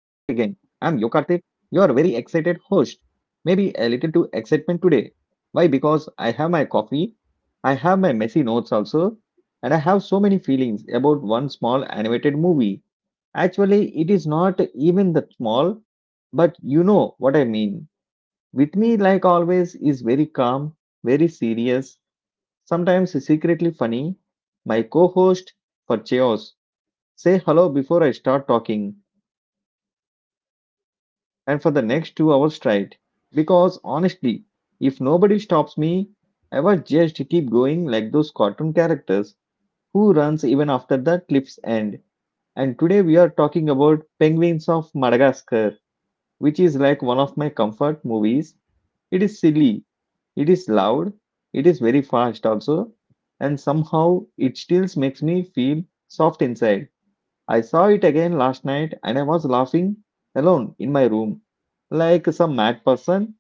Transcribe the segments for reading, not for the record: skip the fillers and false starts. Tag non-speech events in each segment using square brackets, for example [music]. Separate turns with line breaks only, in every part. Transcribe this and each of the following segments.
your very excited host. Maybe a little too excitement today. Why? Because I have my coffee, I have my messy notes also, and I have so many feelings about one small animated movie. Actually, it is not even that small, but you know what I mean. With me, like always, is very calm, very serious, sometimes secretly funny, my co host for Chaos, say hello before I start talking and for the next 2 hours straight. Because honestly, if nobody stops me, I would just keep going like those cartoon characters who runs even after the cliff's end. And today we are talking about Penguins of Madagascar, which is like one of my comfort movies. It is silly, it is loud, it is very fast also, and somehow it still makes me feel soft inside. I saw it again last night and I was laughing alone in my room like some mad person.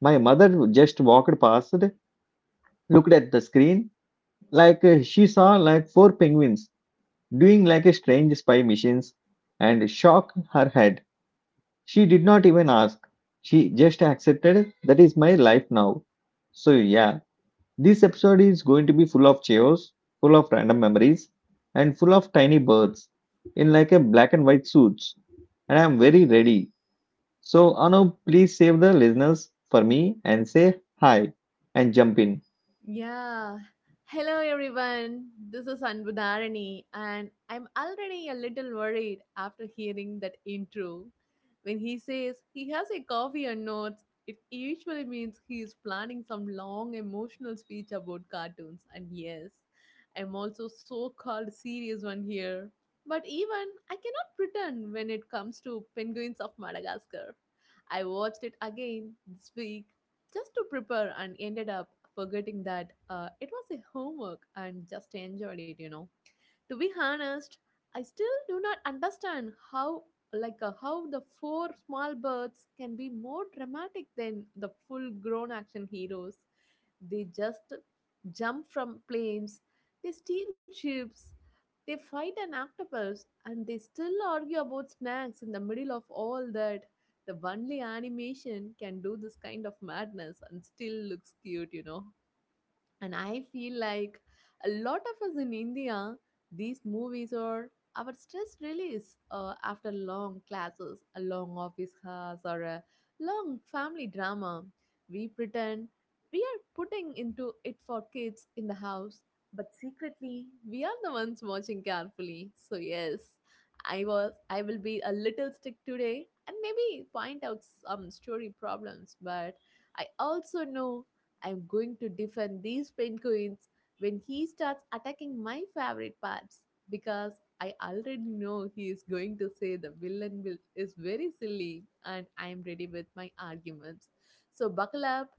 My mother just walked past, looked at the screen, like she saw like four penguins doing like a strange spy missions, and shook her head. She did not even ask. She just accepted that is my life now. So yeah, this episode is going to be full of chaos, full of random memories, and full of tiny birds in like a black and white suits. And I'm very ready. So, Anu, please save the listeners for me and say hi and jump in.
Yeah. Hello, everyone. This is Anbudharani, and I'm already a little worried after hearing that intro. When he says he has a coffee and notes, it usually means he is planning some long emotional speech about cartoons. And yes, I'm also so called serious one here. But even I cannot pretend when it comes to Penguins of Madagascar. I watched it again this week just to prepare and ended up forgetting that it was a homework and just enjoyed it, to be honest. I still do not understand how how the four small birds can be more dramatic than the full grown action heroes. They just jump from planes, they steal ships, they fight an octopus, and they still argue about snacks in the middle of all that. The only animation can do this kind of madness and still looks cute, you know. And I feel like a lot of us in India, these movies are our stress release after long classes, a long office hours, or a long family drama. We pretend we are putting into it for kids in the house, but secretly we are the ones watching carefully. So yes, I will be a little stick today and maybe point out some story problems, but I also know I'm going to defend these penguins when he starts attacking my favorite parts, because I already know he is going to say the villain will, is very silly, and I'm ready with my arguments. So buckle up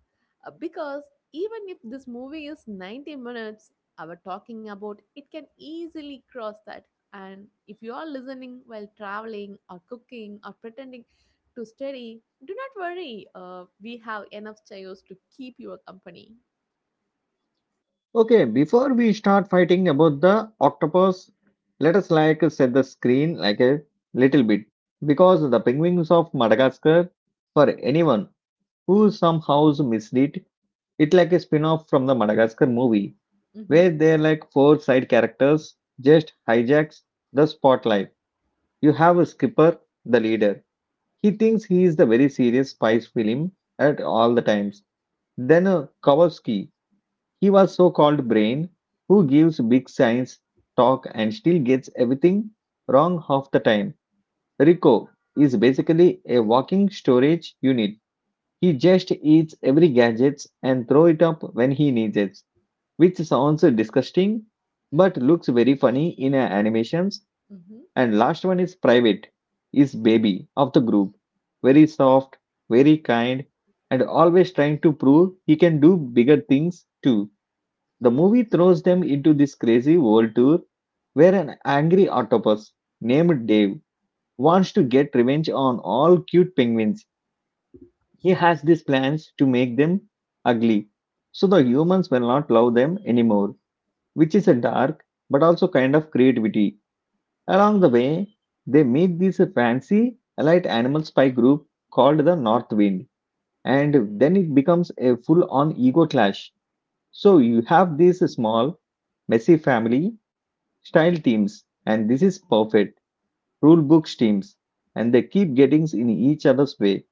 uh, because even if this movie is 90 minutes, our talking about it can easily cross that. And if you are listening while traveling or cooking or pretending to study, do not worry. We have enough chairs to keep your company.
Okay, before we start fighting about the octopus, let us like set the screen like a little bit because the penguins of Madagascar, for anyone who somehow missed it, it like a spin off from the Madagascar movie
Mm-hmm.
where they're like four side characters just hijacks the spotlight. You have a skipper, the leader. He thinks he is the very serious spice film at all the times. Then Kowalski, he was so called brain, who gives big science talk and still gets everything wrong half the time. Rico is basically a walking storage unit. He just eats every gadgets and throw it up when he needs it, which sounds disgusting but looks very funny in animations.
Mm-hmm.
And last one is Private, is baby of the group, very soft, very kind, and always trying to prove he can do bigger things too. The movie throws them into this crazy world tour where an angry octopus named Dave wants to get revenge on all cute penguins. He has these plans to make them ugly so the humans will not love them anymore, which is a dark but also kind of creativity. Along the way, they meet this fancy allied animal spy group called the North Wind, and then it becomes a full on ego clash. So you have these small, messy family style teams, and this is perfect rule books teams, and they keep getting in each other's way.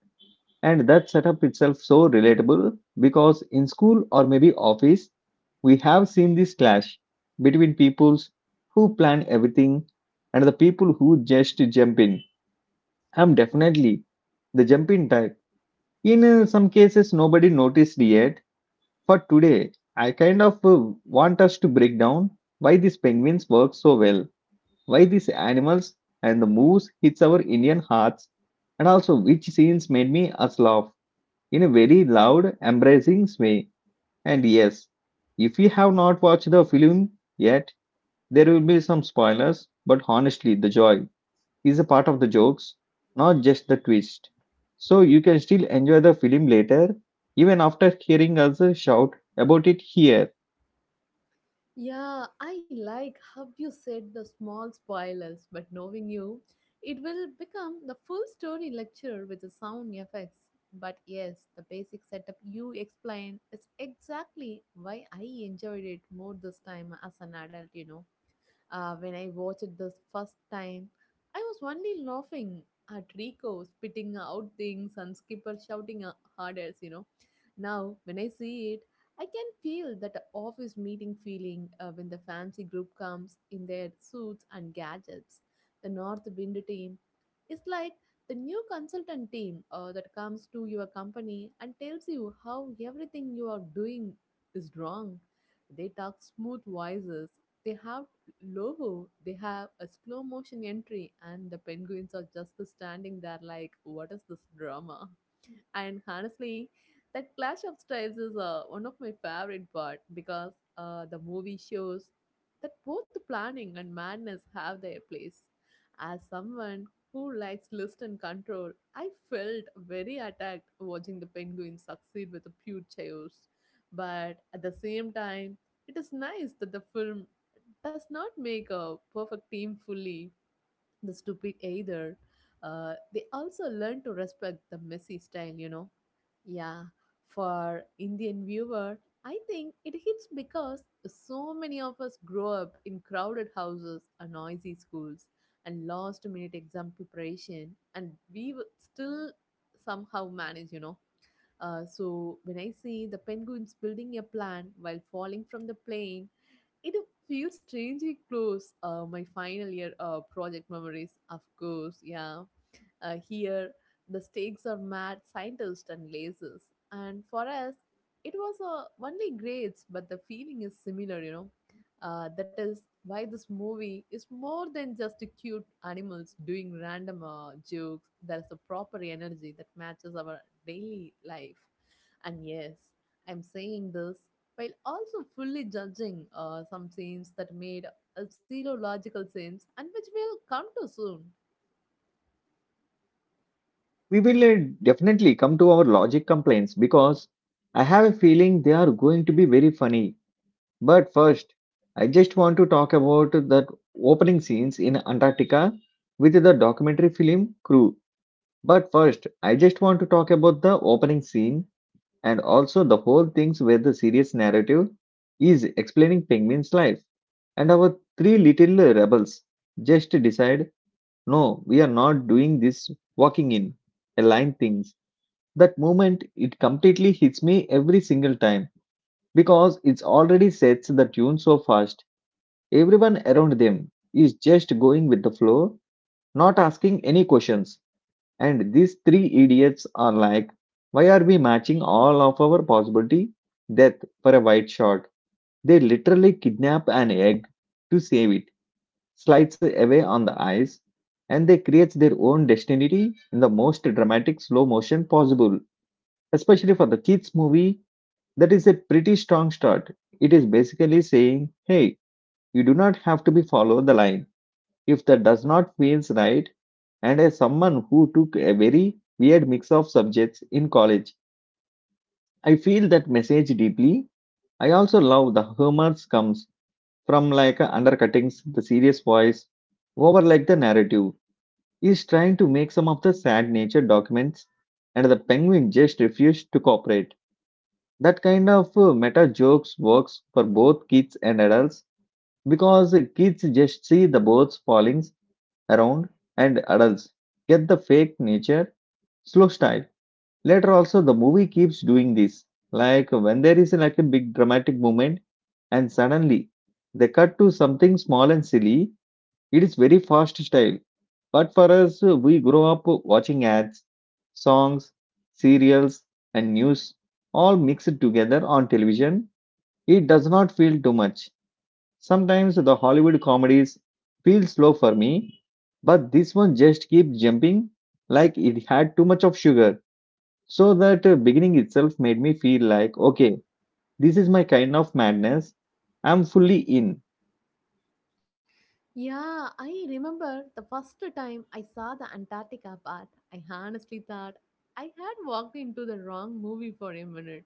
And that setup itself so relatable because in school or maybe office, we have seen this clash between peoples who plan everything and the people who just jump in. I'm definitely the jump in type. In some cases, nobody noticed yet, but today I kind of want us to break down why these penguins work so well, why these animals and the moose hits our Indian hearts, and also which scenes made me us laugh in a very loud, embracing way. And yes, if you have not watched the film yet, there will be some spoilers, but honestly, the joy is a part of the jokes, not just the twist. So you can still enjoy the film later, even after hearing us shout about it here.
Yeah, I like how you said the small spoilers, but knowing you, it will become the full story lecture with the sound effects. But yes, the basic setup you explained is exactly why I enjoyed it more this time as an adult, you know. When I watched it the first time, I was only laughing at Rico spitting out things and Skipper shouting harder, you know. Now, when I see it, I can feel that office meeting feeling when the fancy group comes in their suits and gadgets. The North Wind team is like the new consultant team that comes to your company and tells you how everything you are doing is wrong. They talk smooth voices. They have Lobo, they have a slow motion entry, and the penguins are just standing there like, what is this drama? And honestly, that clash of styles is one of my favorite part because the movie shows that both planning and madness have their place. As someone who likes list and control, I felt very attacked watching the penguins succeed with the pure chaos. But at the same time, it is nice that the film does not make a perfect team fully the stupid either. They also learn to respect the messy style, you know. Yeah, for Indian viewer, I think it hits because so many of us grow up in crowded houses and noisy schools and last minute exam preparation, and we would still somehow manage, you know. So when I see the penguins building a plan while falling from the plane, it feels strangely close. My final year project memories, of course. Yeah. Here, the stakes are mad scientists and lasers. And for us, it was only grades, but the feeling is similar, you know. That is why this movie is more than just cute animals doing random jokes. There's a proper energy that matches our daily life. And yes, I'm saying this while also fully judging some scenes that made a zero logical sense and which we'll come to soon.
We will definitely come to our logic complaints because I have a feeling they are going to be very funny. But first, I just want to talk about that opening scenes in Antarctica with the documentary film crew. But first, I just want to talk about the opening scene and also the whole things where the serious narrative is explaining penguin's life. And our three little rebels just decide, no, we are not doing this walking in a line things. That moment, it completely hits me every single time because it's already sets the tune so fast. Everyone around them is just going with the flow, not asking any questions. And these three idiots are like, why are we matching all of our possibility death for a white shot? They literally kidnap an egg to save it, slides away on the ice, and they create their own destiny in the most dramatic slow motion possible. Especially for the kids movie, that is a pretty strong start. It is basically saying, hey, you do not have to be follow the line if that does not feels right. And as someone who took a very weird mix of subjects in college, I feel that message deeply. I also love the humor comes from like undercuttings the serious voice over, like the narrative is trying to make some of the sad nature documents and the penguin just refused to cooperate. That kind of meta jokes works for both kids and adults because kids just see the boats falling around and adults get the fake nature slow style. Later also the movie keeps doing this, like when there is like a big dramatic moment and suddenly they cut to something small and silly. It is very fast style, but for us, we grow up watching ads, songs, serials, and news all mixed together on television. It does not feel too much. Sometimes the Hollywood comedies feel slow for me, but this one just keeps jumping like it had too much of sugar. So that beginning itself made me feel like, okay, this is my kind of madness. I'm fully in.
Yeah, I remember the first time I saw the Antarctica part. I honestly thought I had walked into the wrong movie for a minute.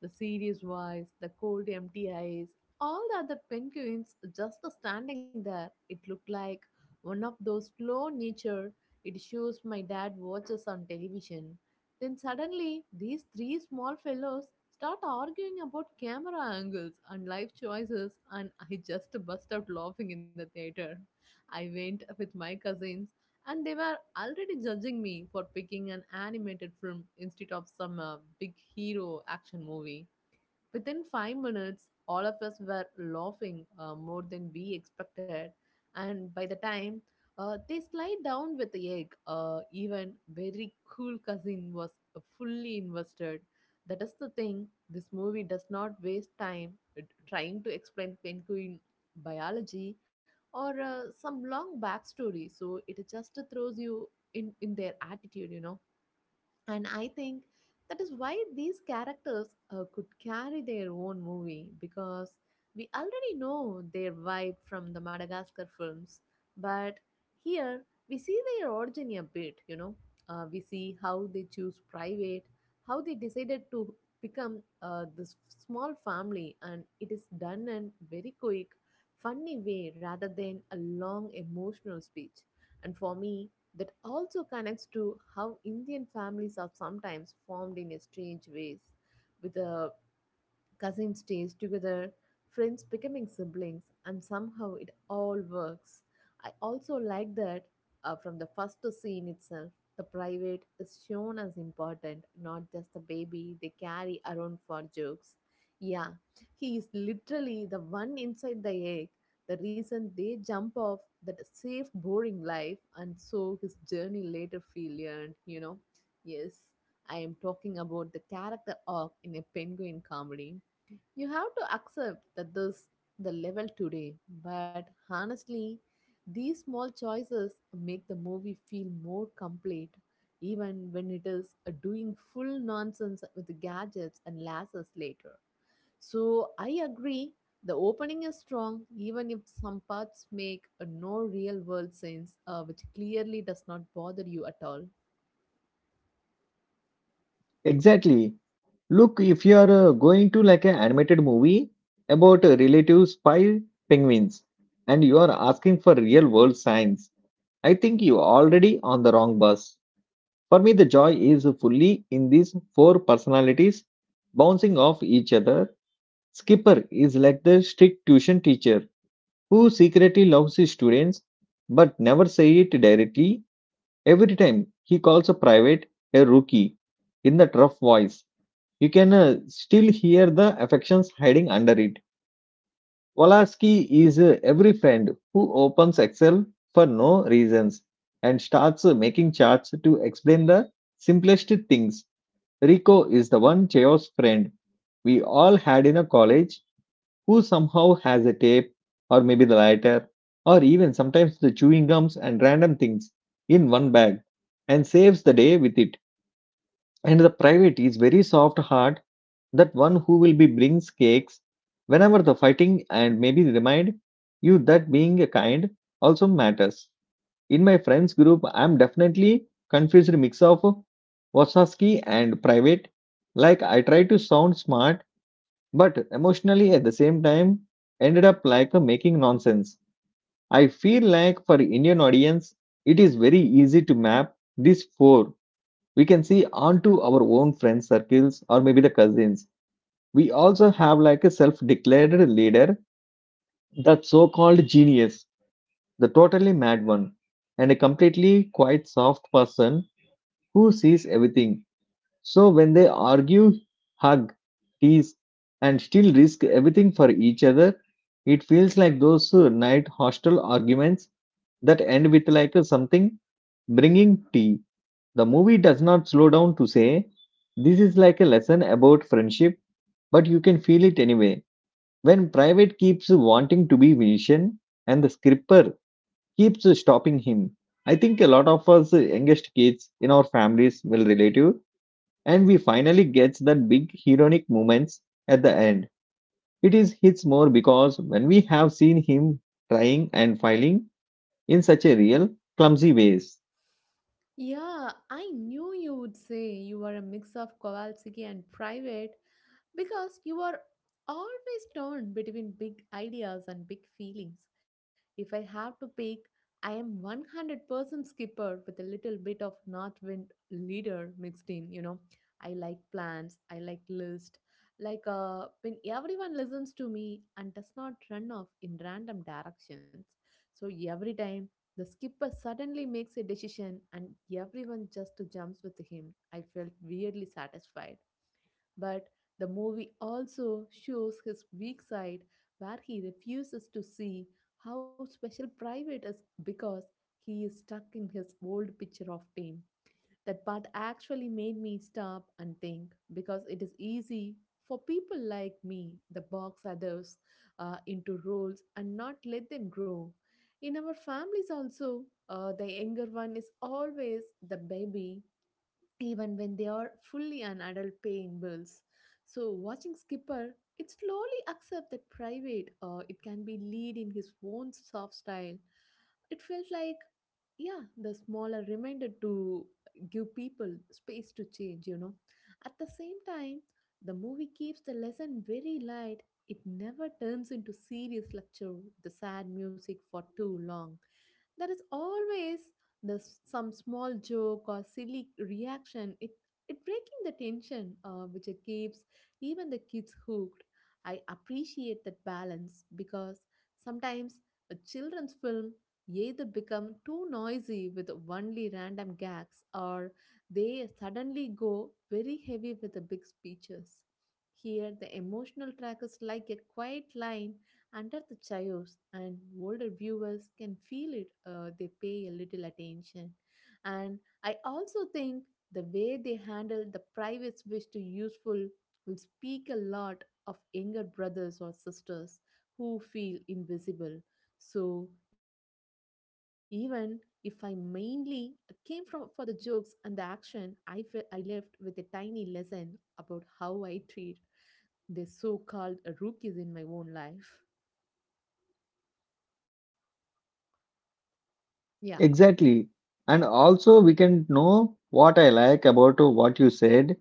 The serious voice, the cold empty eyes, all the other penguins just standing there. It looked like one of those slow nature it shows my dad watches on television. Then suddenly, these three small fellows start arguing about camera angles and life choices, and I just [laughs] burst out laughing in the theater. I went with my cousins and they were already judging me for picking an animated film instead of some big hero action movie. Within 5 minutes, all of us were laughing more than we expected, and by the time they slide down with the egg, even very cool cousin was fully invested. That is the thing. This movie does not waste time trying to explain penguin biology or some long backstory. So it just throws you in their attitude, you know. And I think that is why these characters could carry their own movie because we already know their vibe from the Madagascar films. But here we see their origin a bit, you know. We see how they choose private, how they decided to become this small family, and it is done in very quick, funny way rather than a long emotional speech. And for me, that also connects to how Indian families are sometimes formed in a strange ways, with a cousins stays together, friends becoming siblings, and somehow it all works. I also like that from the first scene itself, the private is shown as important, not just the baby they carry around for jokes. Yeah, he is literally the one inside the egg, the reason they jump off that safe, boring life, and so his journey later feel earned, you know. Yes, I am talking about the character arc in a penguin comedy. You have to accept that this the level today, but honestly, these small choices make the movie feel more complete, even when it is doing full nonsense with the gadgets and lasers later. So I agree, the opening is strong, even if some parts make no real world sense, which clearly does not bother you at all.
Exactly. Look, if you are going to like an animated movie about relative spy penguins and you are asking for real world science, I think you already on the wrong bus. For me, the joy is fully in these four personalities bouncing off each other. Skipper is like the strict tuition teacher who secretly loves his students but never say it directly. Every time he calls a private a rookie in that rough voice, you can still hear the affections hiding under it. Wolaski is every friend who opens Excel for no reasons and starts making charts to explain the simplest things. Rico is the one Chaos friend we all had in a college who somehow has a tape, or maybe the lighter, or even sometimes the chewing gums and random things in one bag and saves the day with it. And the private is very soft heart, that one who will be brings cakes whenever the fighting and maybe remind you that being kind also matters. In my friends group, I'm definitely confused mix of Wasowski and private. Like I try to sound smart, but emotionally at the same time ended up like making nonsense. I feel like for Indian audience, it is very easy to map these four. We can see onto our own friends circles or maybe the cousins. We also have like a self-declared leader, that so-called genius, the totally mad one, and a completely quite soft person who sees everything. So when they argue, hug, tease, and still risk everything for each other, it feels like those night hostel arguments that end with like something bringing tea. The movie does not slow down to say, this is like a lesson about friendship, but you can feel it anyway. When Private keeps wanting to be Vision, and the scripper keeps stopping him, I think a lot of us youngest kids in our families will relate to, and we finally gets that big heroic moments at the end. It is hits more because when we have seen him trying and failing in such a real clumsy ways.
Yeah, I knew you would say you are a mix of Kowalski and private. Because you are always torn between big ideas and big feelings. If I have to pick, I am 100% skipper with a little bit of north wind leader mixed in, you know. I like plans, I like list, when everyone listens to me and does not run off in random directions. So every time the skipper suddenly makes a decision and everyone just jumps with him, I felt weirdly satisfied. But the movie also shows his weak side where he refuses to see how special private is because he is stuck in his old picture of fame. That part actually made me stop and think because it is easy for people like me the box others into roles and not let them grow. In our families also, the younger one is always the baby even when they are fully an adult paying bills. So watching Skipper, it slowly accept that private or it can be lead in his own soft style. It felt like, yeah, the smaller reminder to give people space to change, you know. At the same time, the movie keeps the lesson very light. It never turns into serious lecture with the sad music for too long. There is always this some small joke or silly reaction it breaking the tension which it keeps even the kids hooked. I appreciate that balance because sometimes a children's film either become too noisy with only random gags or they suddenly go very heavy with the big speeches. Here the emotional track is like a quiet line under the chaos, and older viewers can feel it. They pay a little attention, and I also think the way they handle the private wish to useful will speak a lot of younger brothers or sisters who feel invisible. So even if I mainly came from for the jokes and the action, I felt I left with a tiny lesson about how I treat the so-called rookies in my own life. Yeah,
Exactly. And also we can know what I like about what you said.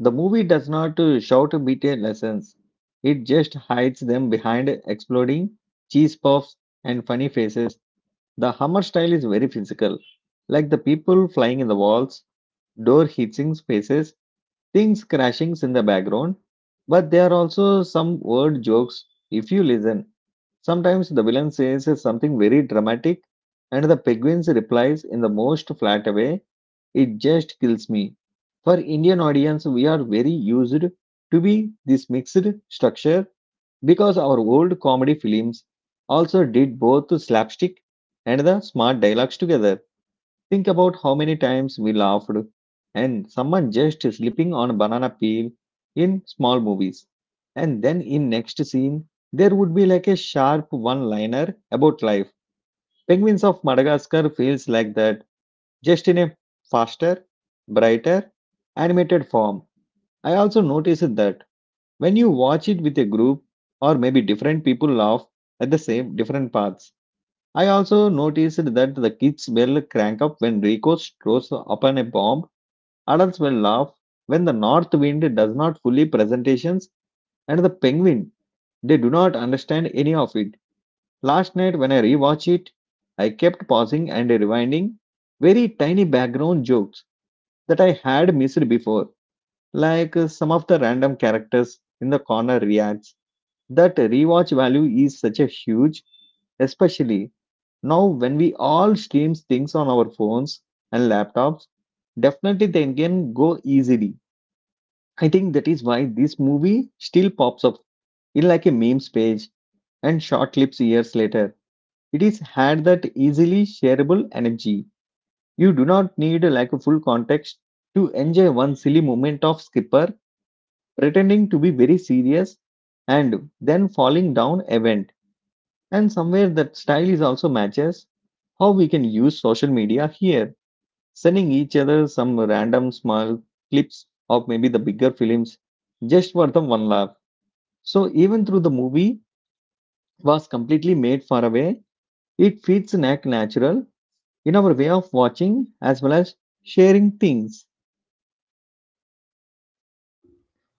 The movie does not shout bitter lessons. It just hides them behind exploding cheese puffs and funny faces. The Hammer style is very physical, like the people flying in the walls, door hitting spaces, things crashing in the background. But there are also some word jokes if you listen. Sometimes the villain says something very dramatic, and the penguins replies in the most flat way. It just kills me. For Indian audience, we are very used to be this mixed structure because our old comedy films also did both slapstick and the smart dialogues together. Think about how many times we laughed and someone just slipping on a banana peel in small movies. And then in next scene, there would be like a sharp one-liner about life. Penguins of Madagascar feels like that, just in a faster, brighter, animated form. I also noticed that when you watch it with a group, or maybe different people laugh at the same different parts. I also noticed that the kids will crank up when Rico throws upon a bomb, adults will laugh when the north wind does not fully presentations, and the penguin, they do not understand any of it. Last night when I rewatched it, I kept pausing and rewinding very tiny background jokes that I had missed before, like some of the random characters in the corner reacts. That rewatch value is such a huge, especially now, when we all stream things on our phones and laptops, definitely they can go easily. I think that is why this movie still pops up in like a memes page and short clips years later. It is had that easily shareable energy. You do not need like a full context to enjoy one silly moment of Skipper pretending to be very serious and then falling down event. And somewhere that style is also matches how we can use social media here, sending each other some random small clips of maybe the bigger films just for the one laugh. So even though the movie was completely made far away, it feels an natural in our way of watching as well as sharing things.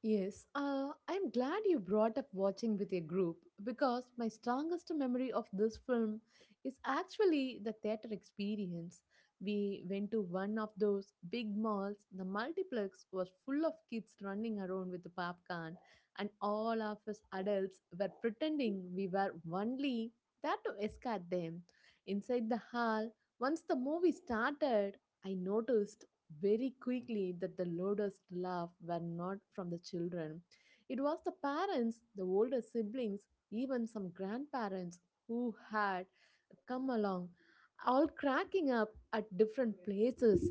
yes. I'm glad you brought up watching with a group because my strongest memory of this film is actually the theater experience. We went to one of those big malls. The multiplex was full of kids running around with the popcorn, and all of us adults were pretending we were only there to escort them. Inside the hall, once the movie started, I noticed very quickly that the loudest laugh were not from the children. It was the parents, the older siblings, even some grandparents who had come along, all cracking up at different places.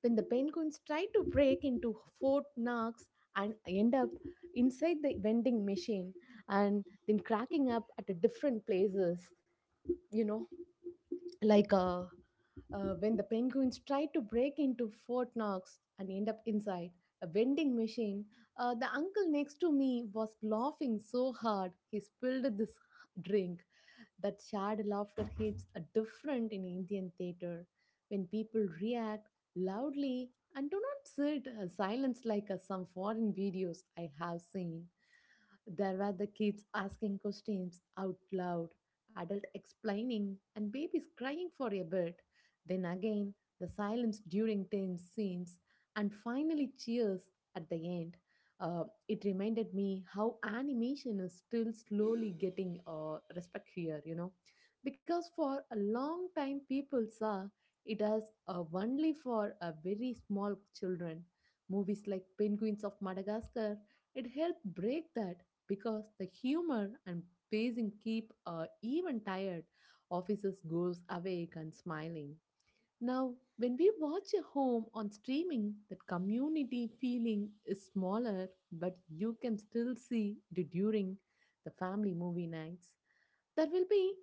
When the penguins tried to break into Fort Knox and end up inside the vending machine and then cracking up at different places, you know, like when the penguins try to break into Fort Knox and end up inside a vending machine, the uncle next to me was laughing so hard he spilled this drink. That shared laughter hits a different in Indian theatre when people react loudly and do not sit silence like some foreign videos I have seen. There were the kids asking questions out loud, adult explaining, and babies crying for a bit. Then again, the silence during tense scenes, and finally cheers at the end. Uh, it reminded me how animation is still slowly getting respect here, because for a long time people saw it as only for a very small children. Movies like Penguins of Madagascar, it helped break that because the humor and pacing keep even tired officers goes awake and smiling. Now, when we watch a home on streaming, that community feeling is smaller, but you can still see it during the family movie nights. There will be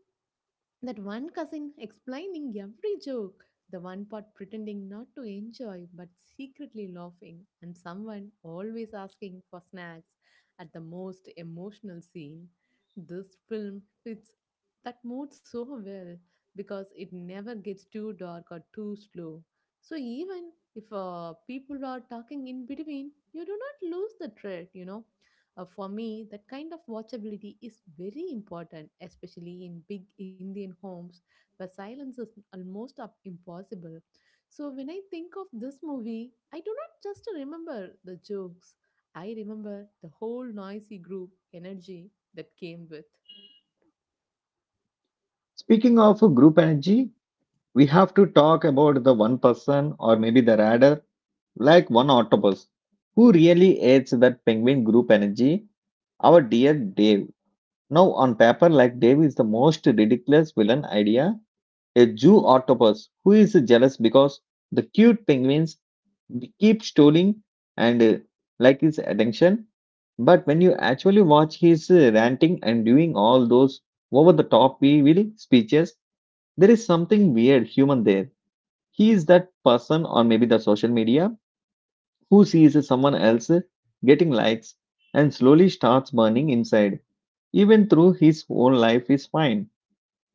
that one cousin explaining every joke, the one part pretending not to enjoy but secretly laughing, and someone always asking for snacks at the most emotional scene. This film fits that mood so well because it never gets too dark or too slow. So, even if people are talking in between, you do not lose the thread. For me, that kind of watchability is very important, especially in big Indian homes where silence is almost up impossible. So when I think of this movie, I do not just remember the jokes. I remember the whole noisy group energy that came with.
Speaking of group energy, we have to talk about the one person, or maybe the rather like one octopus, who really hates that penguin group energy, our dear Dave. Now on paper, like Dave is the most ridiculous villain idea, a Jew octopus who is jealous because the cute penguins keep stealing and like his attention. But when you actually watch his ranting and doing all those over the top evil speeches, there is something weird human there. He is that person or maybe the social media who sees someone else getting likes and slowly starts burning inside, even through his whole life is fine.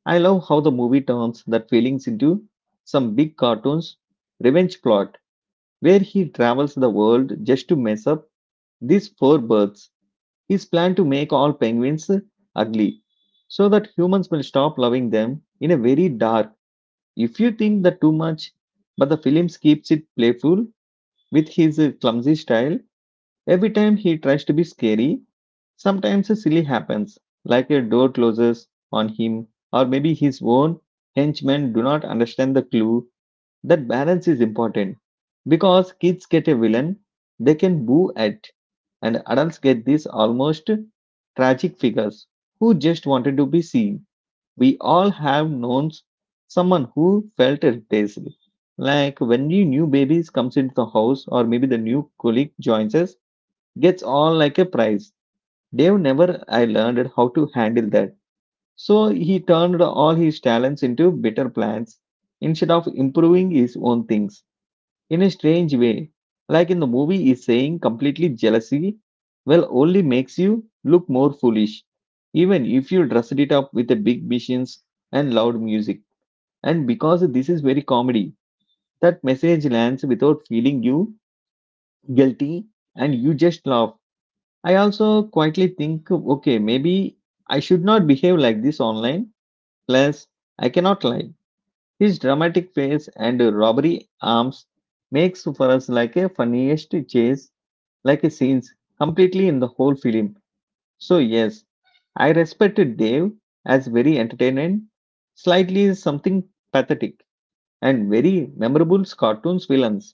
I love how the movie turns that feelings into some big cartoons revenge plot where he travels the world just to mess up these four birds. His plan to make all penguins ugly so that humans will stop loving them in a very dark, if you think that too much, but the film keeps it playful with his clumsy style. Every time he tries to be scary, sometimes a silly happens, like a door closes on him, or maybe his own henchmen do not understand the clue, that balance is important. Because kids get a villain they can boo at, and adults get these almost tragic figures who just wanted to be seen. We all have known someone who felt irreplaceable. Like when new babies comes into the house, or maybe the new colleague joins us, gets on like a prize. Dave never I learned how to handle that. So he turned all his talents into better plans instead of improving his own things in a strange way. Like in the movie is saying completely jealousy well only makes you look more foolish. Even if you dressed it up with the big missions and loud music. And because this is very comedy, that message lands without feeling you guilty, and you just laugh. I also quietly think, okay, maybe I should not behave like this online. Plus, I cannot lie. His dramatic face and robbery arms makes for us like a funniest chase, like a scenes completely in the whole film. So yes, I respected Dave as very entertaining, slightly something pathetic, and very memorable cartoons villains.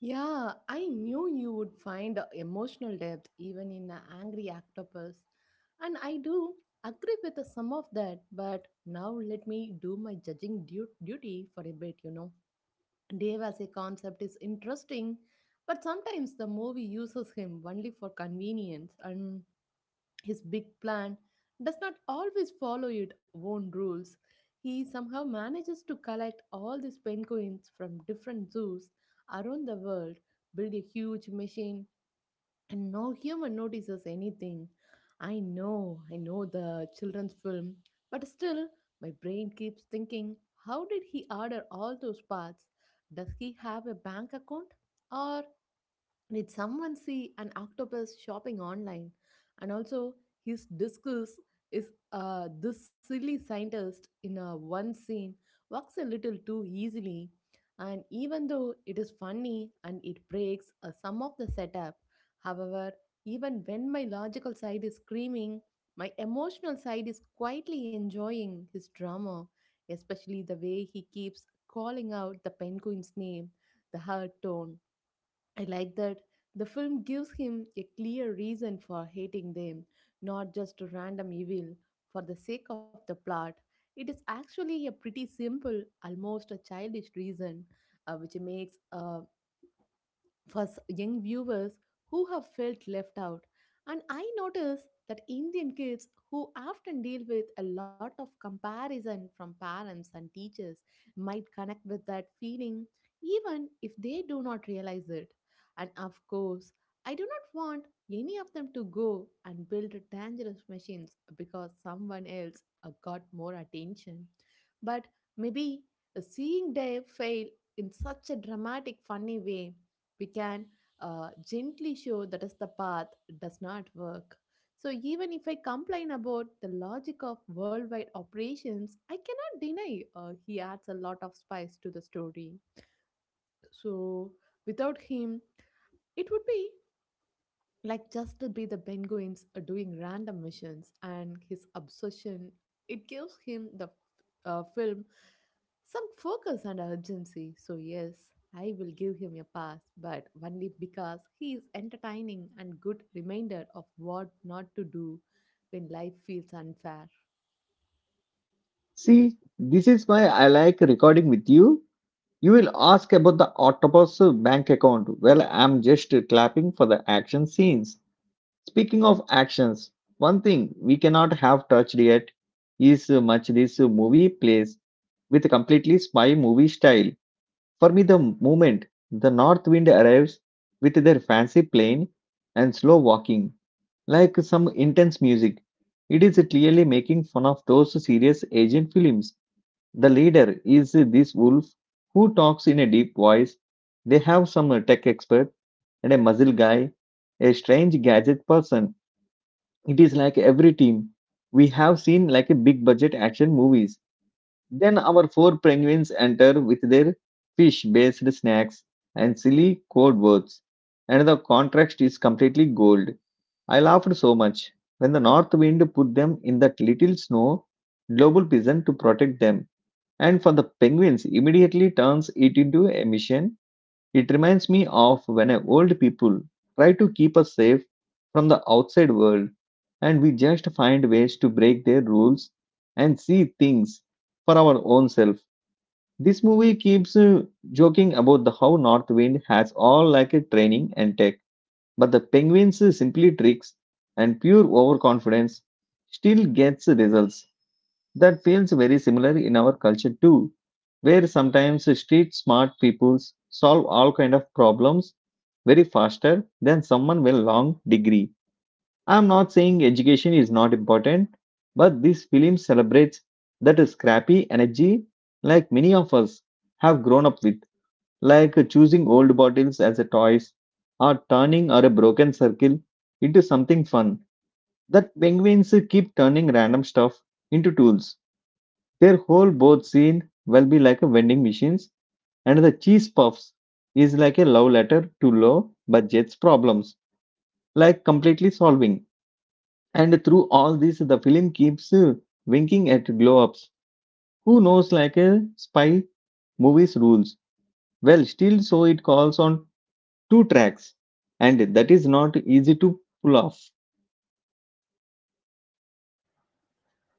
Yeah, I knew you would find emotional depth even in an angry octopus. And I do agree with some of that, but now let me do my judging duty for a bit. Dave as a concept is interesting, but sometimes the movie uses him only for convenience, and his big plan does not always follow its own rules. He somehow manages to collect all these penguins from different zoos around the world, build a huge machine, and no human notices anything. I know the children's film, but still, my brain keeps thinking, how did he order all those parts? Does he have a bank account? Or did someone see an octopus shopping online? And also, his disguise is this silly scientist in a one scene works a little too easily. And even though it is funny and it breaks some of the setup, however, even when my logical side is screaming, my emotional side is quietly enjoying his drama, especially the way he keeps calling out the penguin's name, the hard tone. I like that the film gives him a clear reason for hating them, not just a random evil for the sake of the plot. It is actually a pretty simple, almost a childish reason, which makes for young viewers who have felt left out. And I notice that Indian kids who often deal with a lot of comparison from parents and teachers might connect with that feeling even if they do not realize it. And of course, I do not want any of them to go and build dangerous machines because someone else got more attention. But maybe seeing Dave fail in such a dramatic, funny way, we can gently show that is the path does not work. So even if I complain about the logic of worldwide operations, I cannot deny he adds a lot of spice to the story. So without him, it would be like just to be the penguins doing random missions, and his obsession, it gives him the film some focus and urgency. So yes, I will give him a pass, but only because he is entertaining and good reminder of what not to do when life feels unfair.
See, this is why I like recording with you. You will ask about the octopus bank account. Well, I'm just clapping for the action scenes. Speaking of actions, one thing we cannot have touched yet is much this movie plays with a completely spy movie style. For me, the moment the North Wind arrives with their fancy plane and slow walking, like some intense music, it is clearly making fun of those serious Asian films. The leader is this wolf who talks in a deep voice. They have some tech expert and a muzzle guy, a strange gadget person. It is like every team we have seen like a big budget action movies. Then our four penguins enter with their fish based snacks and silly code words. And the contrast is completely gold. I laughed so much. When the north wind put them in that little snow global prison to protect them, and for the penguins, immediately turns it into a mission. It reminds me of when a old people try to keep us safe from the outside world, and we just find ways to break their rules and see things for our own self. This movie keeps joking about the how North Wind has all like a training and tech, but the penguins simply tricks and pure overconfidence still gets results. That feels very similar in our culture too, where sometimes street smart people solve all kind of problems very faster than someone with long degree. I'm not saying education is not important, but this film celebrates that scrappy energy like many of us have grown up with, like choosing old bottles as a toys or turning or a broken circle into something fun. That penguins keep turning random stuff into tools. Their whole boat scene will be like a vending machines, and the cheese puffs is like a love letter to low budgets problems, like completely solving. And through all this, the film keeps winking at glow ups. Who knows, like a spy movie's rules? Well, still, so it calls on two tracks, and that is not easy to pull off.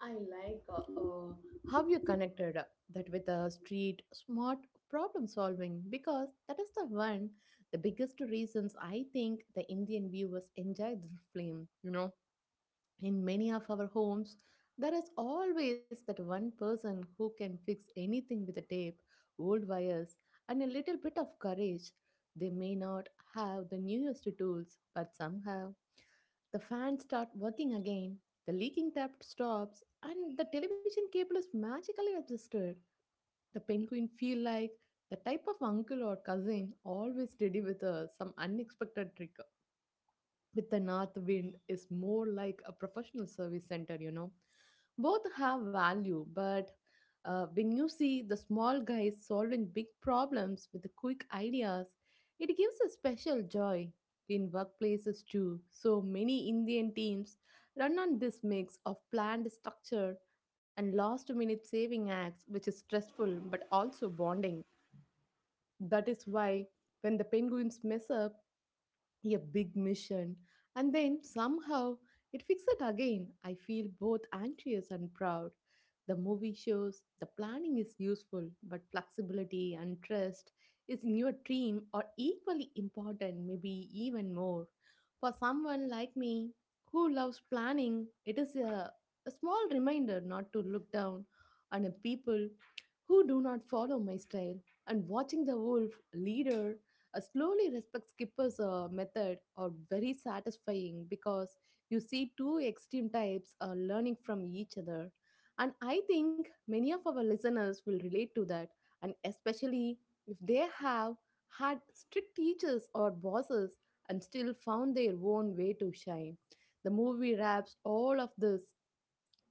I like how you connected that with the street smart problem solving, because that is the one the biggest reasons I think the Indian viewers enjoy this film. In many of our homes, there is always that one person who can fix anything with a tape, old wires, and a little bit of courage. They may not have the newest tools, but somehow the fans start working again, the leaking tap stops, and the television cable is magically adjusted. The penguin feel like the type of uncle or cousin always ready with some unexpected trick. With the North Wind is more like a professional service center, you know. Both have value, but when you see the small guys solving big problems with the quick ideas, it gives a special joy. In workplaces too, so many Indian teams run on this mix of planned structure and last minute saving acts, which is stressful but also bonding. That is why when the penguins mess up a big mission, and then somehow it fixed it again, I feel both anxious and proud. The movie shows the planning is useful, but flexibility and trust is in your dream are equally important, maybe even more. For someone like me who loves planning, it is a small reminder not to look down on a people who do not follow my style, and watching the wolf leader a slowly respect skippers method are very satisfying, because you see two extreme types learning from each other. And I think many of our listeners will relate to that, and especially if they have had strict teachers or bosses and still found their own way to shine. The movie wraps all of this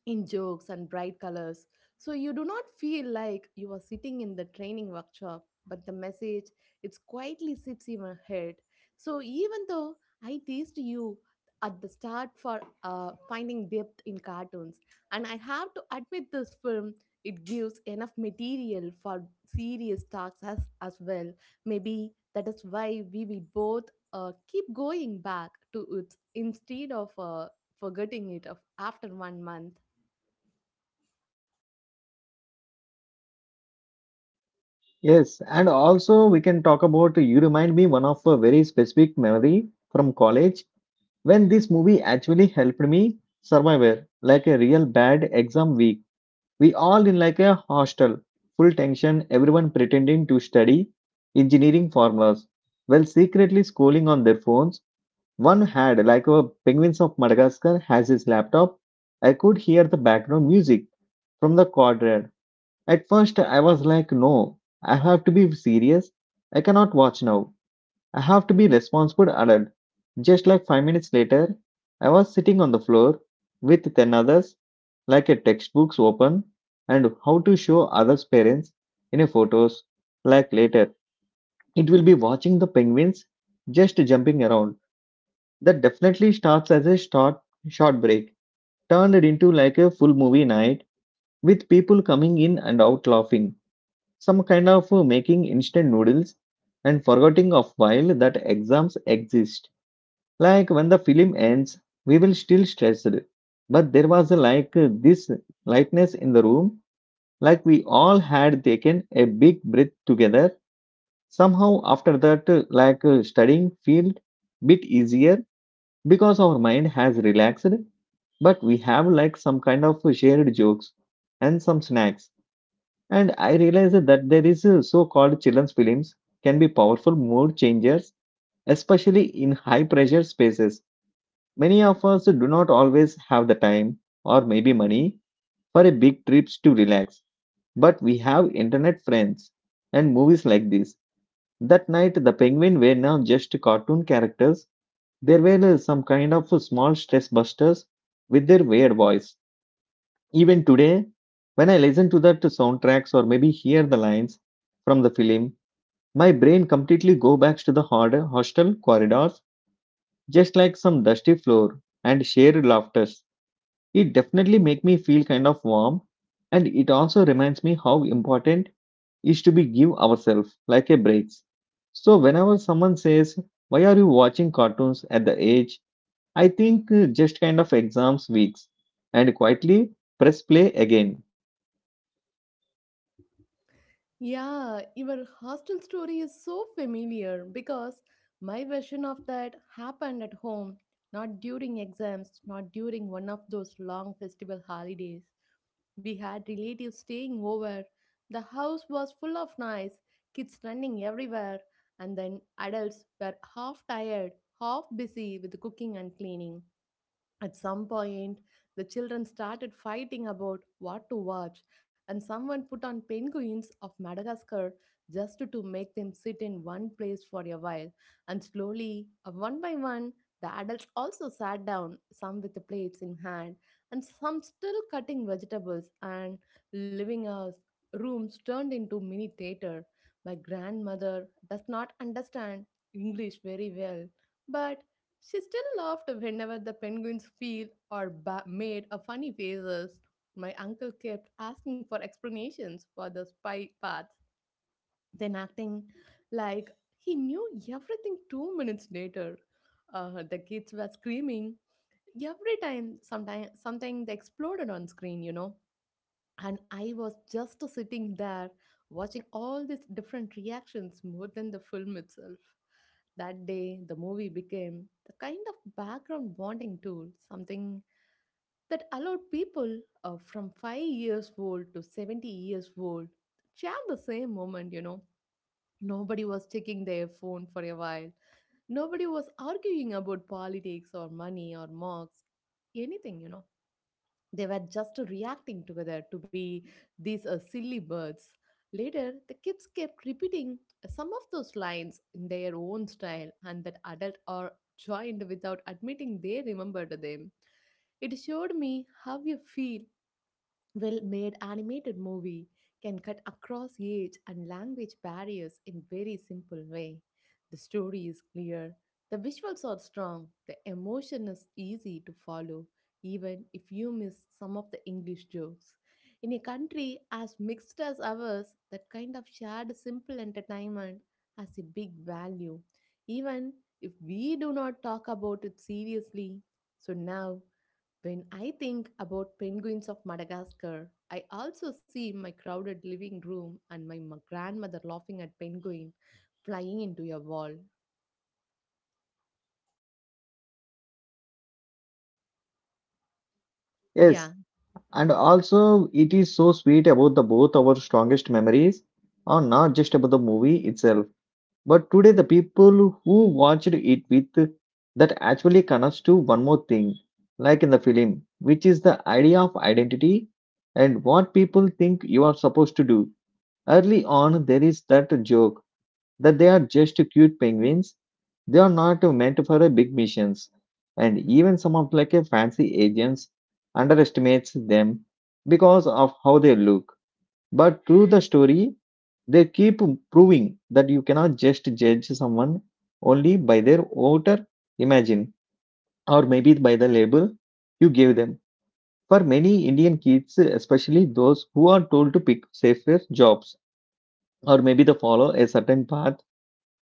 in jokes and bright colors. So you do not feel like you are sitting in the training workshop, but the message, it quietly sits in your head. So even though I teased you at the start for finding depth in cartoons, and I have to admit this film, it gives enough material for serious talks as well. Maybe that is why we will both keep going back to it instead of forgetting it of after one month.
Yes, and also we can talk about, you remind me one of a very specific memory from college when this movie actually helped me survive like a real bad exam week. We all in like a hostel, full tension, everyone pretending to study engineering formulas while secretly scrolling on their phones. One had like a penguins of madagascar has his laptop. I could hear the background music from the quadrant. At first I was like, no, I have to be serious, I cannot watch now, I have to be responsible adult. Just like 5 minutes later, I was sitting on the floor with 10 others, like a textbooks open, and how to show others' parents in a photos. Like later, it will be watching the penguins just jumping around. That definitely starts as a short break, turned into like a full movie night with people coming in and out laughing. Some kind of making instant noodles and forgetting of while that exams exist. Like when the film ends, we will still stressed, but there was a, like this lightness in the room, like we all had taken a big breath together. Somehow after that, like studying felt bit easier because our mind has relaxed. But we have like some kind of shared jokes and some snacks. And I realized that there is so-called children's films can be powerful mood changers, especially in high pressure spaces. Many of us do not always have the time or maybe money for a big trips to relax, but we have internet friends and movies like this. That night, the penguin were not just cartoon characters; they were some kind of small stress busters with their weird voice. Even today, when I listen to that soundtracks or maybe hear the lines from the film, my brain completely go back to the hard hostel corridors, just like some dusty floor and shared laughter. It definitely make me feel kind of warm, and it also reminds me how important is to be give ourselves like a breaks. So whenever someone says, "Why are you watching cartoons at the age?" I think just kind of exams weeks and quietly press play again.
Yeah, your hostel story is so familiar because my version of that happened at home, not during exams, not during one of those long festival holidays. We had relatives staying over. The house was full of noise, kids running everywhere, and then adults were half tired, half busy with cooking and cleaning. At some point, the children started fighting about what to watch, and someone put on Penguins of Madagascar just to make them sit in one place for a while. And slowly, one by one, the adults also sat down, some with the plates in hand, and some still cutting vegetables, and living rooms turned into mini theater. My grandmother does not understand English very well, but she still laughed whenever the penguins feel or made a funny faces. My uncle kept asking for explanations for the spy parts, then acting like he knew everything 2 minutes later. The kids were screaming every time. Sometimes something they exploded on screen, you know, and I was just sitting there watching all these different reactions more than the film itself. That day the movie became the kind of background bonding tool, something that allowed people from 5 years old to 70 years old share the same moment, you know. Nobody was checking their phone for a while. Nobody was arguing about politics or money or marks anything, you know. They were just reacting together to be these silly birds. Later, the kids kept repeating some of those lines in their own style, and that adult or joined without admitting they remembered them. It showed me how you feel well made animated movie can cut across age and language barriers in very simple way. The story is clear, the visuals are strong, the emotion is easy to follow, even if you miss some of the English jokes. In a country as mixed as ours, that kind of shared simple entertainment has a big value, even if we do not talk about it seriously. So now when I think about Penguins of Madagascar, I also see my crowded living room and my grandmother laughing at penguin flying into a wall.
Yes,
Yeah,
and also it is so sweet about the both our strongest memories are not just about the movie itself. But today, the people who watched it with, that actually connects to one more thing, like in the film, which is the idea of identity and what people think you are supposed to do. Early on, there is that joke that they are just cute penguins. They are not meant for a big missions, and even some of like a fancy agents underestimates them because of how they look. But through the story, they keep proving that you cannot just judge someone only by their outer imagine or maybe by the label you gave them. For many Indian kids, especially those who are told to pick safer jobs or maybe to follow a certain path,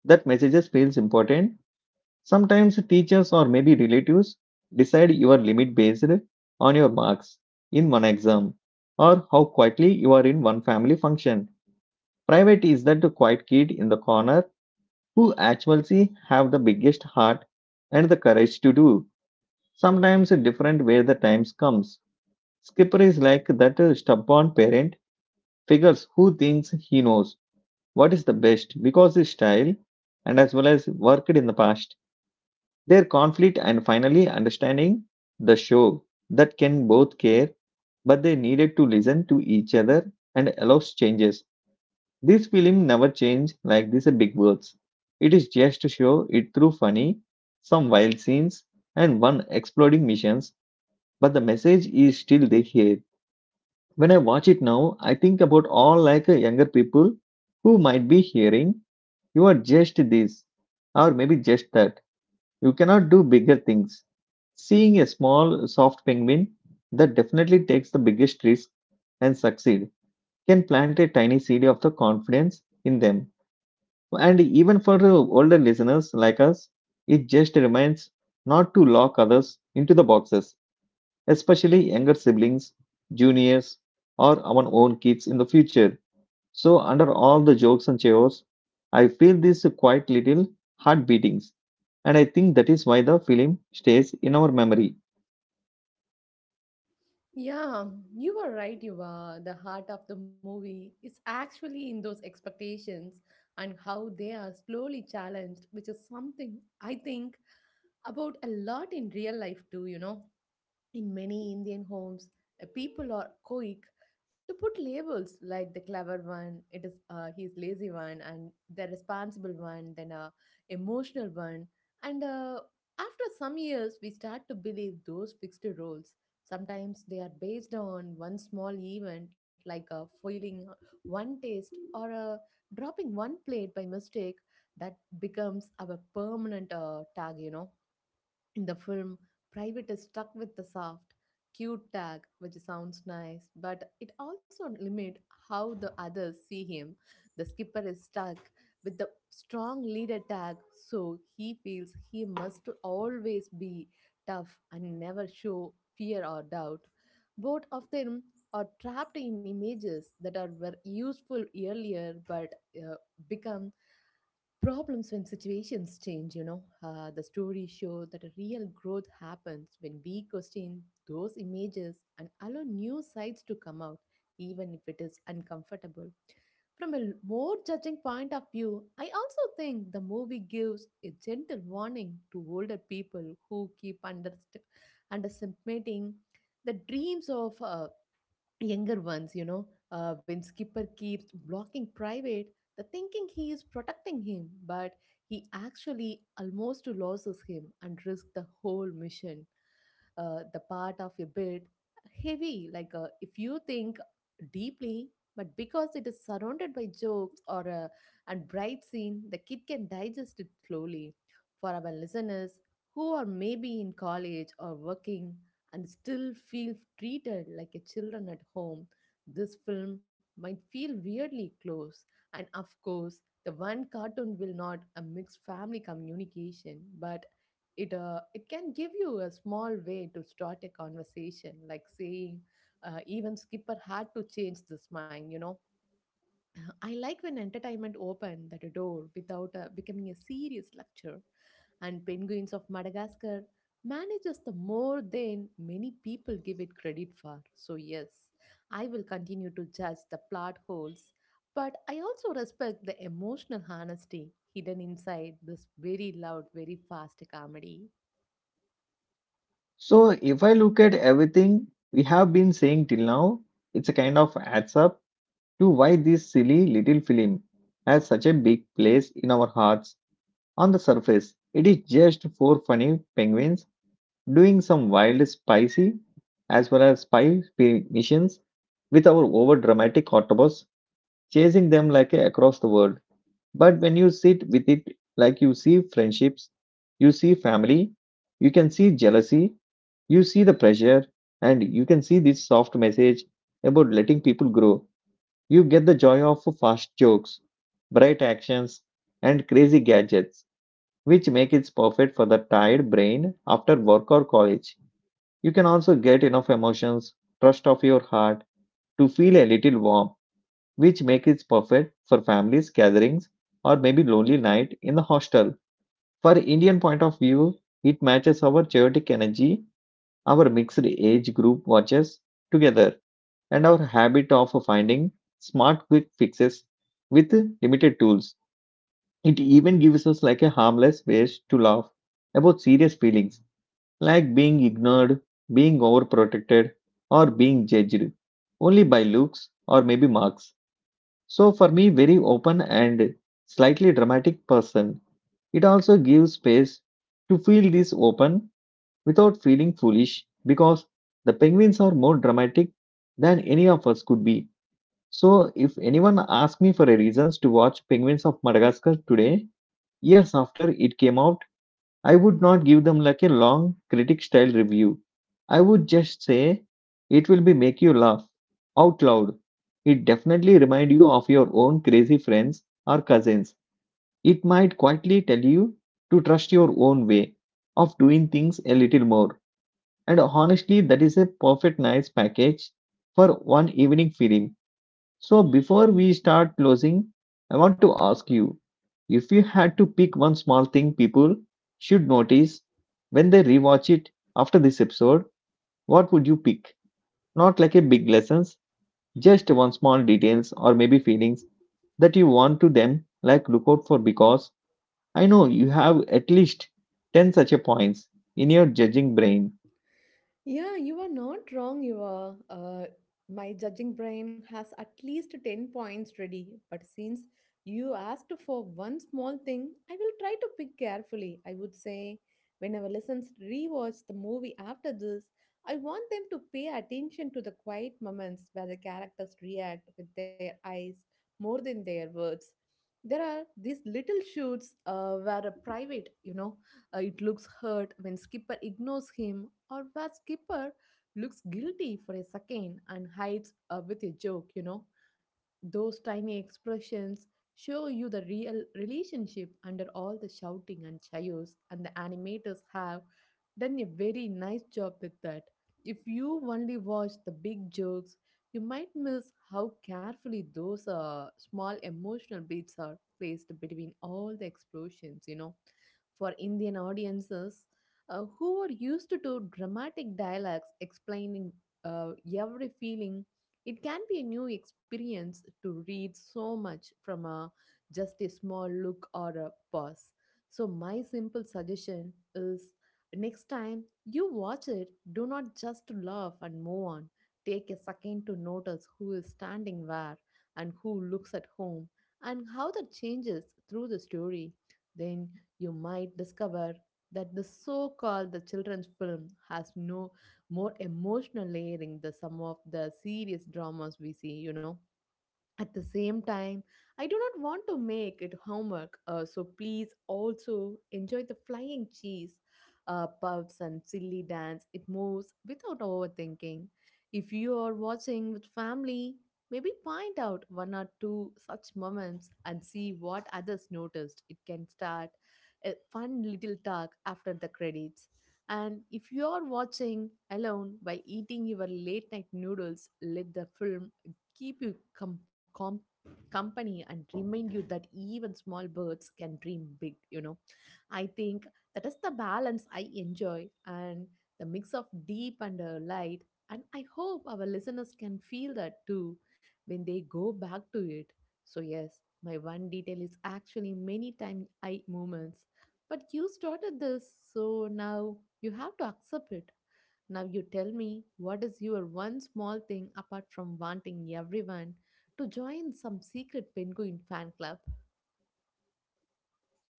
that messages feels important. Sometimes teachers or maybe relatives decide your limit based on your marks in one exam or how quietly you are in one family function. Private is that the quiet kid in the corner who actually have the biggest heart and the courage to do. Sometimes a different where the times comes. Skipper is like that stubborn parent figures who thinks he knows what is the best because his style and as well as worked in the past. Their conflict and finally understanding the show that can both care, but they needed to listen to each other and allows changes. This film never changed like these big words. It is just to show it through funny, some wild scenes, and one exploding missions, but the message is still there here. When I watch it now, I think about all like younger people who might be hearing, you are just this, or maybe just that. You cannot do bigger things. Seeing a small, soft penguin that definitely takes the biggest risk and succeed can plant a tiny seed of the confidence in them, and even for the older listeners like us, it just reminds not to lock others into the boxes, especially younger siblings, juniors, or our own kids in the future. So, under all the jokes and chaos, I feel these quite little heart beatings, and I think that is why the film stays in our memory.
yeah, you are right. You are The heart of the movie is actually in those expectations and how they are slowly challenged, which is something I think about a lot in real life too, you know. In many Indian homes, people are quick to put labels like the clever one, it is he is lazy one, and the responsible one, then a emotional one. And after some years, we start to believe those fixed roles. Sometimes they are based on one small event, like a foiling one taste or a dropping one plate by mistake. That becomes our permanent tag, you know. In the film, Private is stuck with the soft, cute tag, which sounds nice, but it also limits how the others see him. The skipper is stuck with the strong leader tag, so he feels he must always be tough and never show fear or doubt. Both of them are trapped in images that are were useful earlier but become problems when situations change, you know. The stories show that a real growth happens when we question those images and allow new sides to come out, even if it is uncomfortable. From a more judging point of view, I also think the movie gives a gentle warning to older people who keep underestimating the dreams of younger ones, you know. When Skipper keeps blocking Private, the thinking he is protecting him, but he actually almost loses him and risks the whole mission. The part of your bed heavy. Like, if you think deeply, but because it is surrounded by jokes or a and bright scene, the kid can digest it slowly. For our listeners who are maybe in college or working and still feel treated like a children at home, this film might feel weirdly close. And of course, the one cartoon will not a mixed family communication, but it can give you a small way to start a conversation, like saying, even Skipper had to change this mind, you know. [clears throat] I like when entertainment opened that door without becoming a serious lecture. And Penguins of Madagascar manages the more than many people give it credit for. So, yes, I will continue to judge the plot holes, but I also respect the emotional honesty hidden inside this very loud, very fast comedy.
So, if I look at everything we have been saying till now, it's a kind of adds up to why this silly little film has such a big place in our hearts. On the surface, it is just four funny penguins doing some wild, spicy, as well as spy missions with our over dramatic octopus chasing them like across the world. But when you sit with it, like you see friendships, you see family, you can see jealousy, you see the pressure, and you can see this soft message about letting people grow. You get the joy of fast jokes, bright actions, and crazy gadgets, which make it perfect for the tired brain after work or college. You can also get enough emotions, trust of your heart, to feel a little warm, which make it perfect for families, gatherings, or maybe lonely night in the hostel. For Indian point of view, it matches our chaotic energy, our mixed age group watches together, and our habit of finding smart quick fixes with limited tools. It even gives us like a harmless ways to laugh about serious feelings like being ignored, being overprotected, or being judged only by looks or maybe marks. So for me, very open and slightly dramatic person, it also gives space to feel this open without feeling foolish because the penguins are more dramatic than any of us could be. So, if anyone asked me for a reasons to watch Penguins of Madagascar today, years after it came out, I would not give them like a long critic style review. I would just say it will be make you laugh out loud. It definitely remind you of your own crazy friends or cousins. It might quietly tell you to trust your own way of doing things a little more. And honestly, that is a perfect nice package for one evening film. So, before we start closing, I want to ask you, if you had to pick one small thing people should notice when they rewatch it after this episode, what would you pick? Not like a big lessons, just one small details or maybe feelings that you want to them like look out for because I know you have at least 10 such a points in your judging brain.
Yeah, you are not wrong, you are. My judging brain has at least 10 points ready, but since you asked for one small thing, I will try to pick carefully. I would say, when our listeners rewatch the movie after this, I want them to pay attention to the quiet moments where the characters react with their eyes more than their words. There are these little shoots where a private, you know, it looks hurt when Skipper ignores him, or where Skipper looks guilty for a second and hides with a joke, you know. Those tiny expressions show you the real relationship under all the shouting and chaos, and the animators have done a very nice job with that. If you only watch the big jokes, you might miss how carefully those small emotional beats are placed between all the explosions, you know. For Indian audiences, who are used to do dramatic dialogues explaining uh, every feeling, it can be a new experience to read so much from a, just a small look or a pause. So, my simple suggestion is, next time you watch it, do not just laugh and move on. Take a second to notice who is standing where and who looks at whom and how that changes through the story. Then you might discover that the so called the children's film has no more emotional layering the some of the serious dramas we see, you know. At the same time, I do not want to make it homework, so please also enjoy the flying cheese, puffs, and silly dance. It moves without overthinking. If you are watching with family, maybe point out one or two such moments and see what others noticed. It can start a fun little talk after the credits. And if you are watching alone while eating your late night noodles, let the film keep you company and remind you that even small birds can dream big, you know. I think that is the balance I enjoy and the mix of deep and light, and I hope our listeners can feel that too when they go back to it. So yes, my one detail is actually many time I moments, but you started this, so now you have to accept it. Now you tell me, what is your one small thing apart from wanting everyone to join some secret penguin fan club?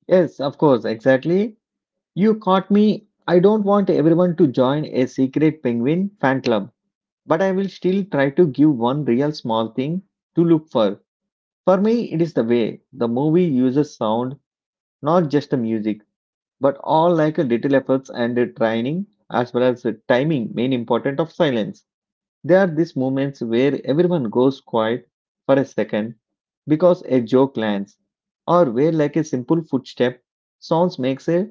Yes, of course, exactly. You caught me. I don't want everyone to join a secret penguin fan club, but I will still try to give one real small thing to look for. For me, it is the way the movie uses sound, not just the music, but all like a little efforts and a training as well as the timing, main important of silence. There are these moments where everyone goes quiet for a second because a joke lands, or where like a simple footstep sounds makes a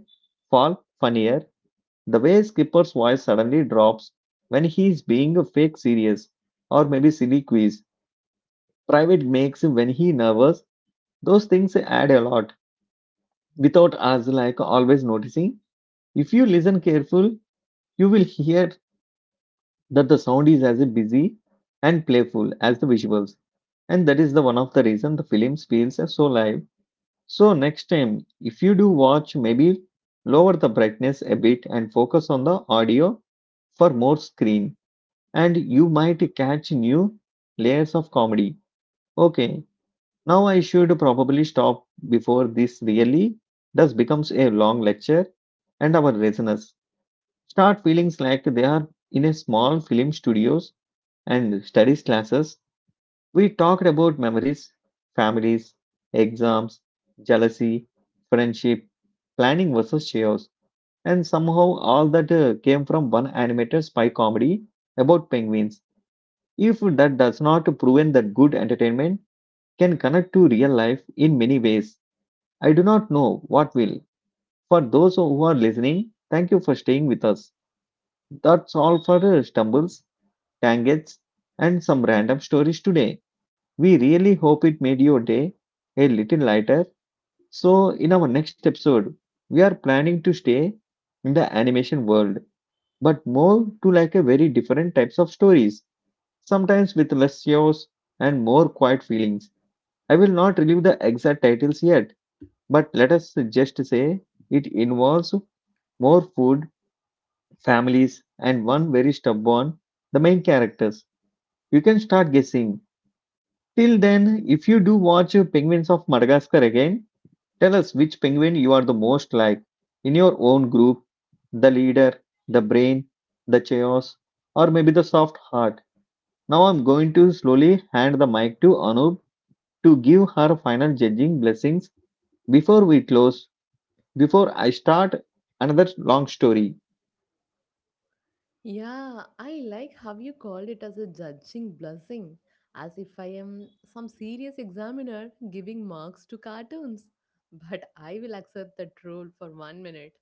fall funnier, the way Skipper's voice suddenly drops when he is being a fake serious or maybe silly quiz. Private makes him when he nervous. Those things add a lot without us like always noticing. If you listen careful, you will hear that the sound is as busy and playful as the visuals. And that is the one of the reason the film feels so live. So next time if you do watch, maybe lower the brightness a bit and focus on the audio for more screen, and you might catch new layers of comedy. Okay, now I should probably stop before this really does becomes a long lecture and our listeners start feeling like they are in a small film studios and studies classes. We talked about memories, families, exams, jealousy, friendship, planning versus chaos, and somehow all that came from one animated spy comedy about penguins. If that does not prevent that good entertainment can connect to real life in many ways, I do not know what will. For those who are listening, thank you for staying with us. That's all for stumbles, tangents, and some random stories today. We really hope it made your day a little lighter. So, in our next episode, we are planning to stay in the animation world, but more to like a very different types of stories, sometimes with less chaos and more quiet feelings. I will not reveal the exact titles yet, but let us just say it involves more food, families, and one very stubborn, the main characters. You can start guessing. Till then, if you do watch Penguins of Madagascar again, tell us which penguin you are the most like in your own group, the leader, the brain, the chaos, or maybe the soft heart. Now I'm going to slowly hand the mic to Anup to give her final judging blessings before we close. Before I start another long story,
Yeah, I like how you called it as a judging blessing, as if I am some serious examiner giving marks to cartoons. [laughs] But I will accept that rule for 1 minute.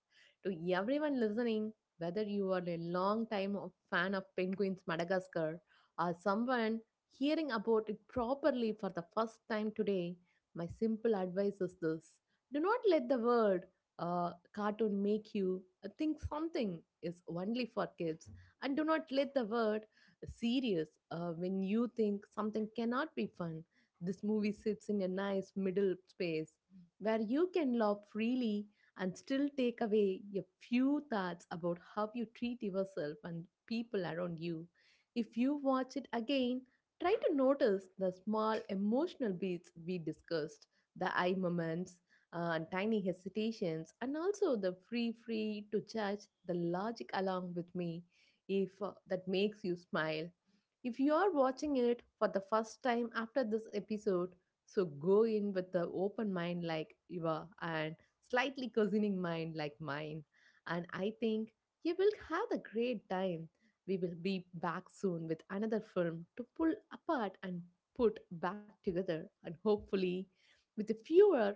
To everyone listening, whether you are a long time fan of Penguins Madagascar or someone hearing about it properly for the first time today, my simple advice is this: do not let the word cartoon make you think something is only for kids, and do not let the word serious when you think something cannot be fun. This movie sits in a nice middle space where you can laugh freely and still take away a few thoughts about how you treat yourself and people around you. If you watch it again, try to notice the small emotional beats we discussed, the eye moments, and tiny hesitations, and also the free to judge the logic along with me, if that makes you smile. If you are watching it for the first time after this episode, so go in with the open mind like you are and slightly cushioning mind like mine. And I think you will have a great time. We will be back soon with another film to pull apart and put back together, and hopefully with fewer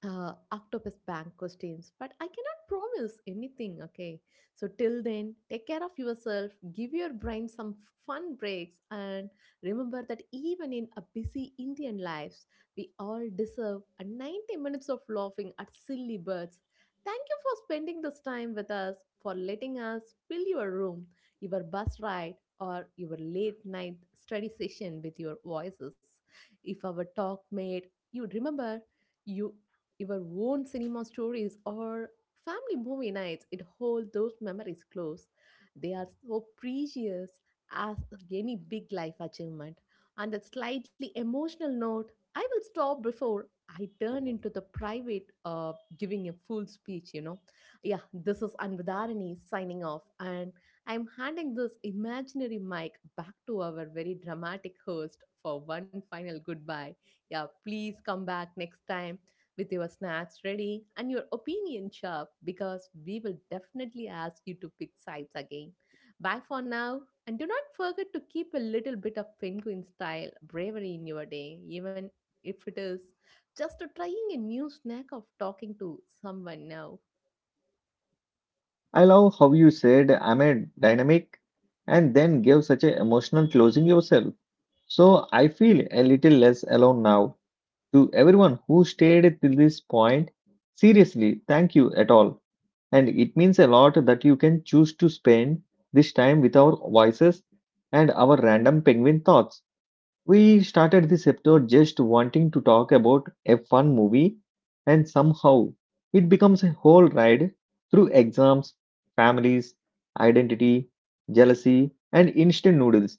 octopus bank questions, but I cannot promise anything. Okay, so till then, take care of yourself, give your brain some fun breaks, and remember that even in a busy indian lives, we all deserve a 90 minutes of laughing at silly birds. Thank you for spending this time with us, for letting us fill your room, your bus ride, or your late night study session with your voices. If our talk made you remember you your own cinema stories or family movie nights, it holds those memories close. They are so precious as any big life achievement. On that slightly emotional note, I will stop before I turn into the private giving a full speech, you know. Yeah, this is Anvadarani signing off, and I'm handing this imaginary mic back to our very dramatic host for one final goodbye. Yeah, please come back next time with your snacks ready and your opinion sharp, because we will definitely ask you to pick sides again. Bye for now, and do not forget to keep a little bit of penguin style bravery in your day, even if it is just a trying a new snack of talking to someone now.
I love how you said I'm a dynamic and then gave such an emotional closing yourself. So I feel a little less alone now. To everyone who stayed till this point, seriously, thank you at all. And it means a lot that you can choose to spend this time with our voices and our random penguin thoughts. We started this episode just wanting to talk about a fun movie, and somehow it becomes a whole ride through exams, families, identity, jealousy, and instant noodles.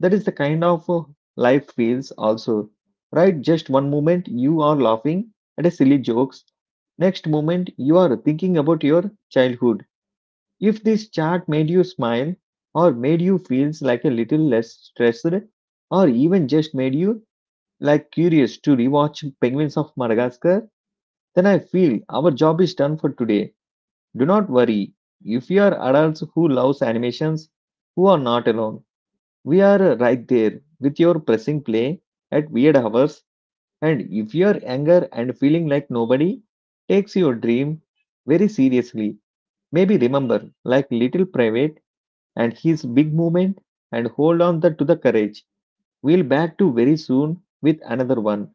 That is the kind of life feels also, right? Just one moment you are laughing at a silly jokes, next moment you are thinking about your childhood. If this chat made you smile or made you feels like a little less stressed or even just made you like curious to rewatch Penguins of Madagascar, then I feel our job is done for today. Do not worry. If you are adults who loves animations, who are not alone. We are right there with your pressing play at weird hours. And if you are younger and feeling like nobody takes your dream very seriously, maybe remember like little private and his big movement and hold on to the courage. We'll back to very soon with another one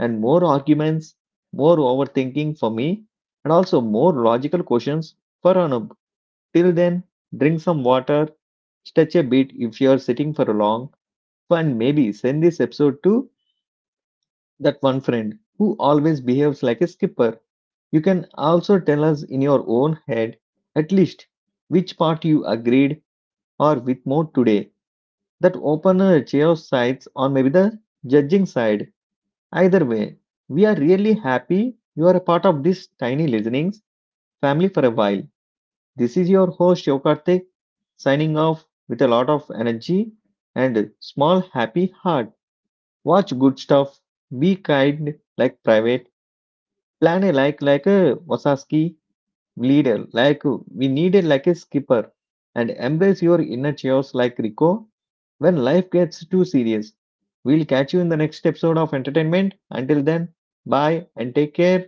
and more arguments, more overthinking for me, and also more logical questions for Anub. Till then, drink some water, stretch a bit if you're sitting for a long, and maybe send this episode to that one friend who always behaves like a skipper. You can also tell us in your own head, at least, which part you agreed or with more today. That open chaos sides or maybe the judging side. Either way, we are really happy you are a part of this tiny listenings family for a while. This is your host Yokartik signing off with a lot of energy and a small happy heart. Watch good stuff, be kind like private, plan a like a Wasaski leader, like we needed like a skipper, and embrace your inner chaos like Rico. When life gets too serious, we'll catch you in the next episode of entertainment. Until then, bye and take care.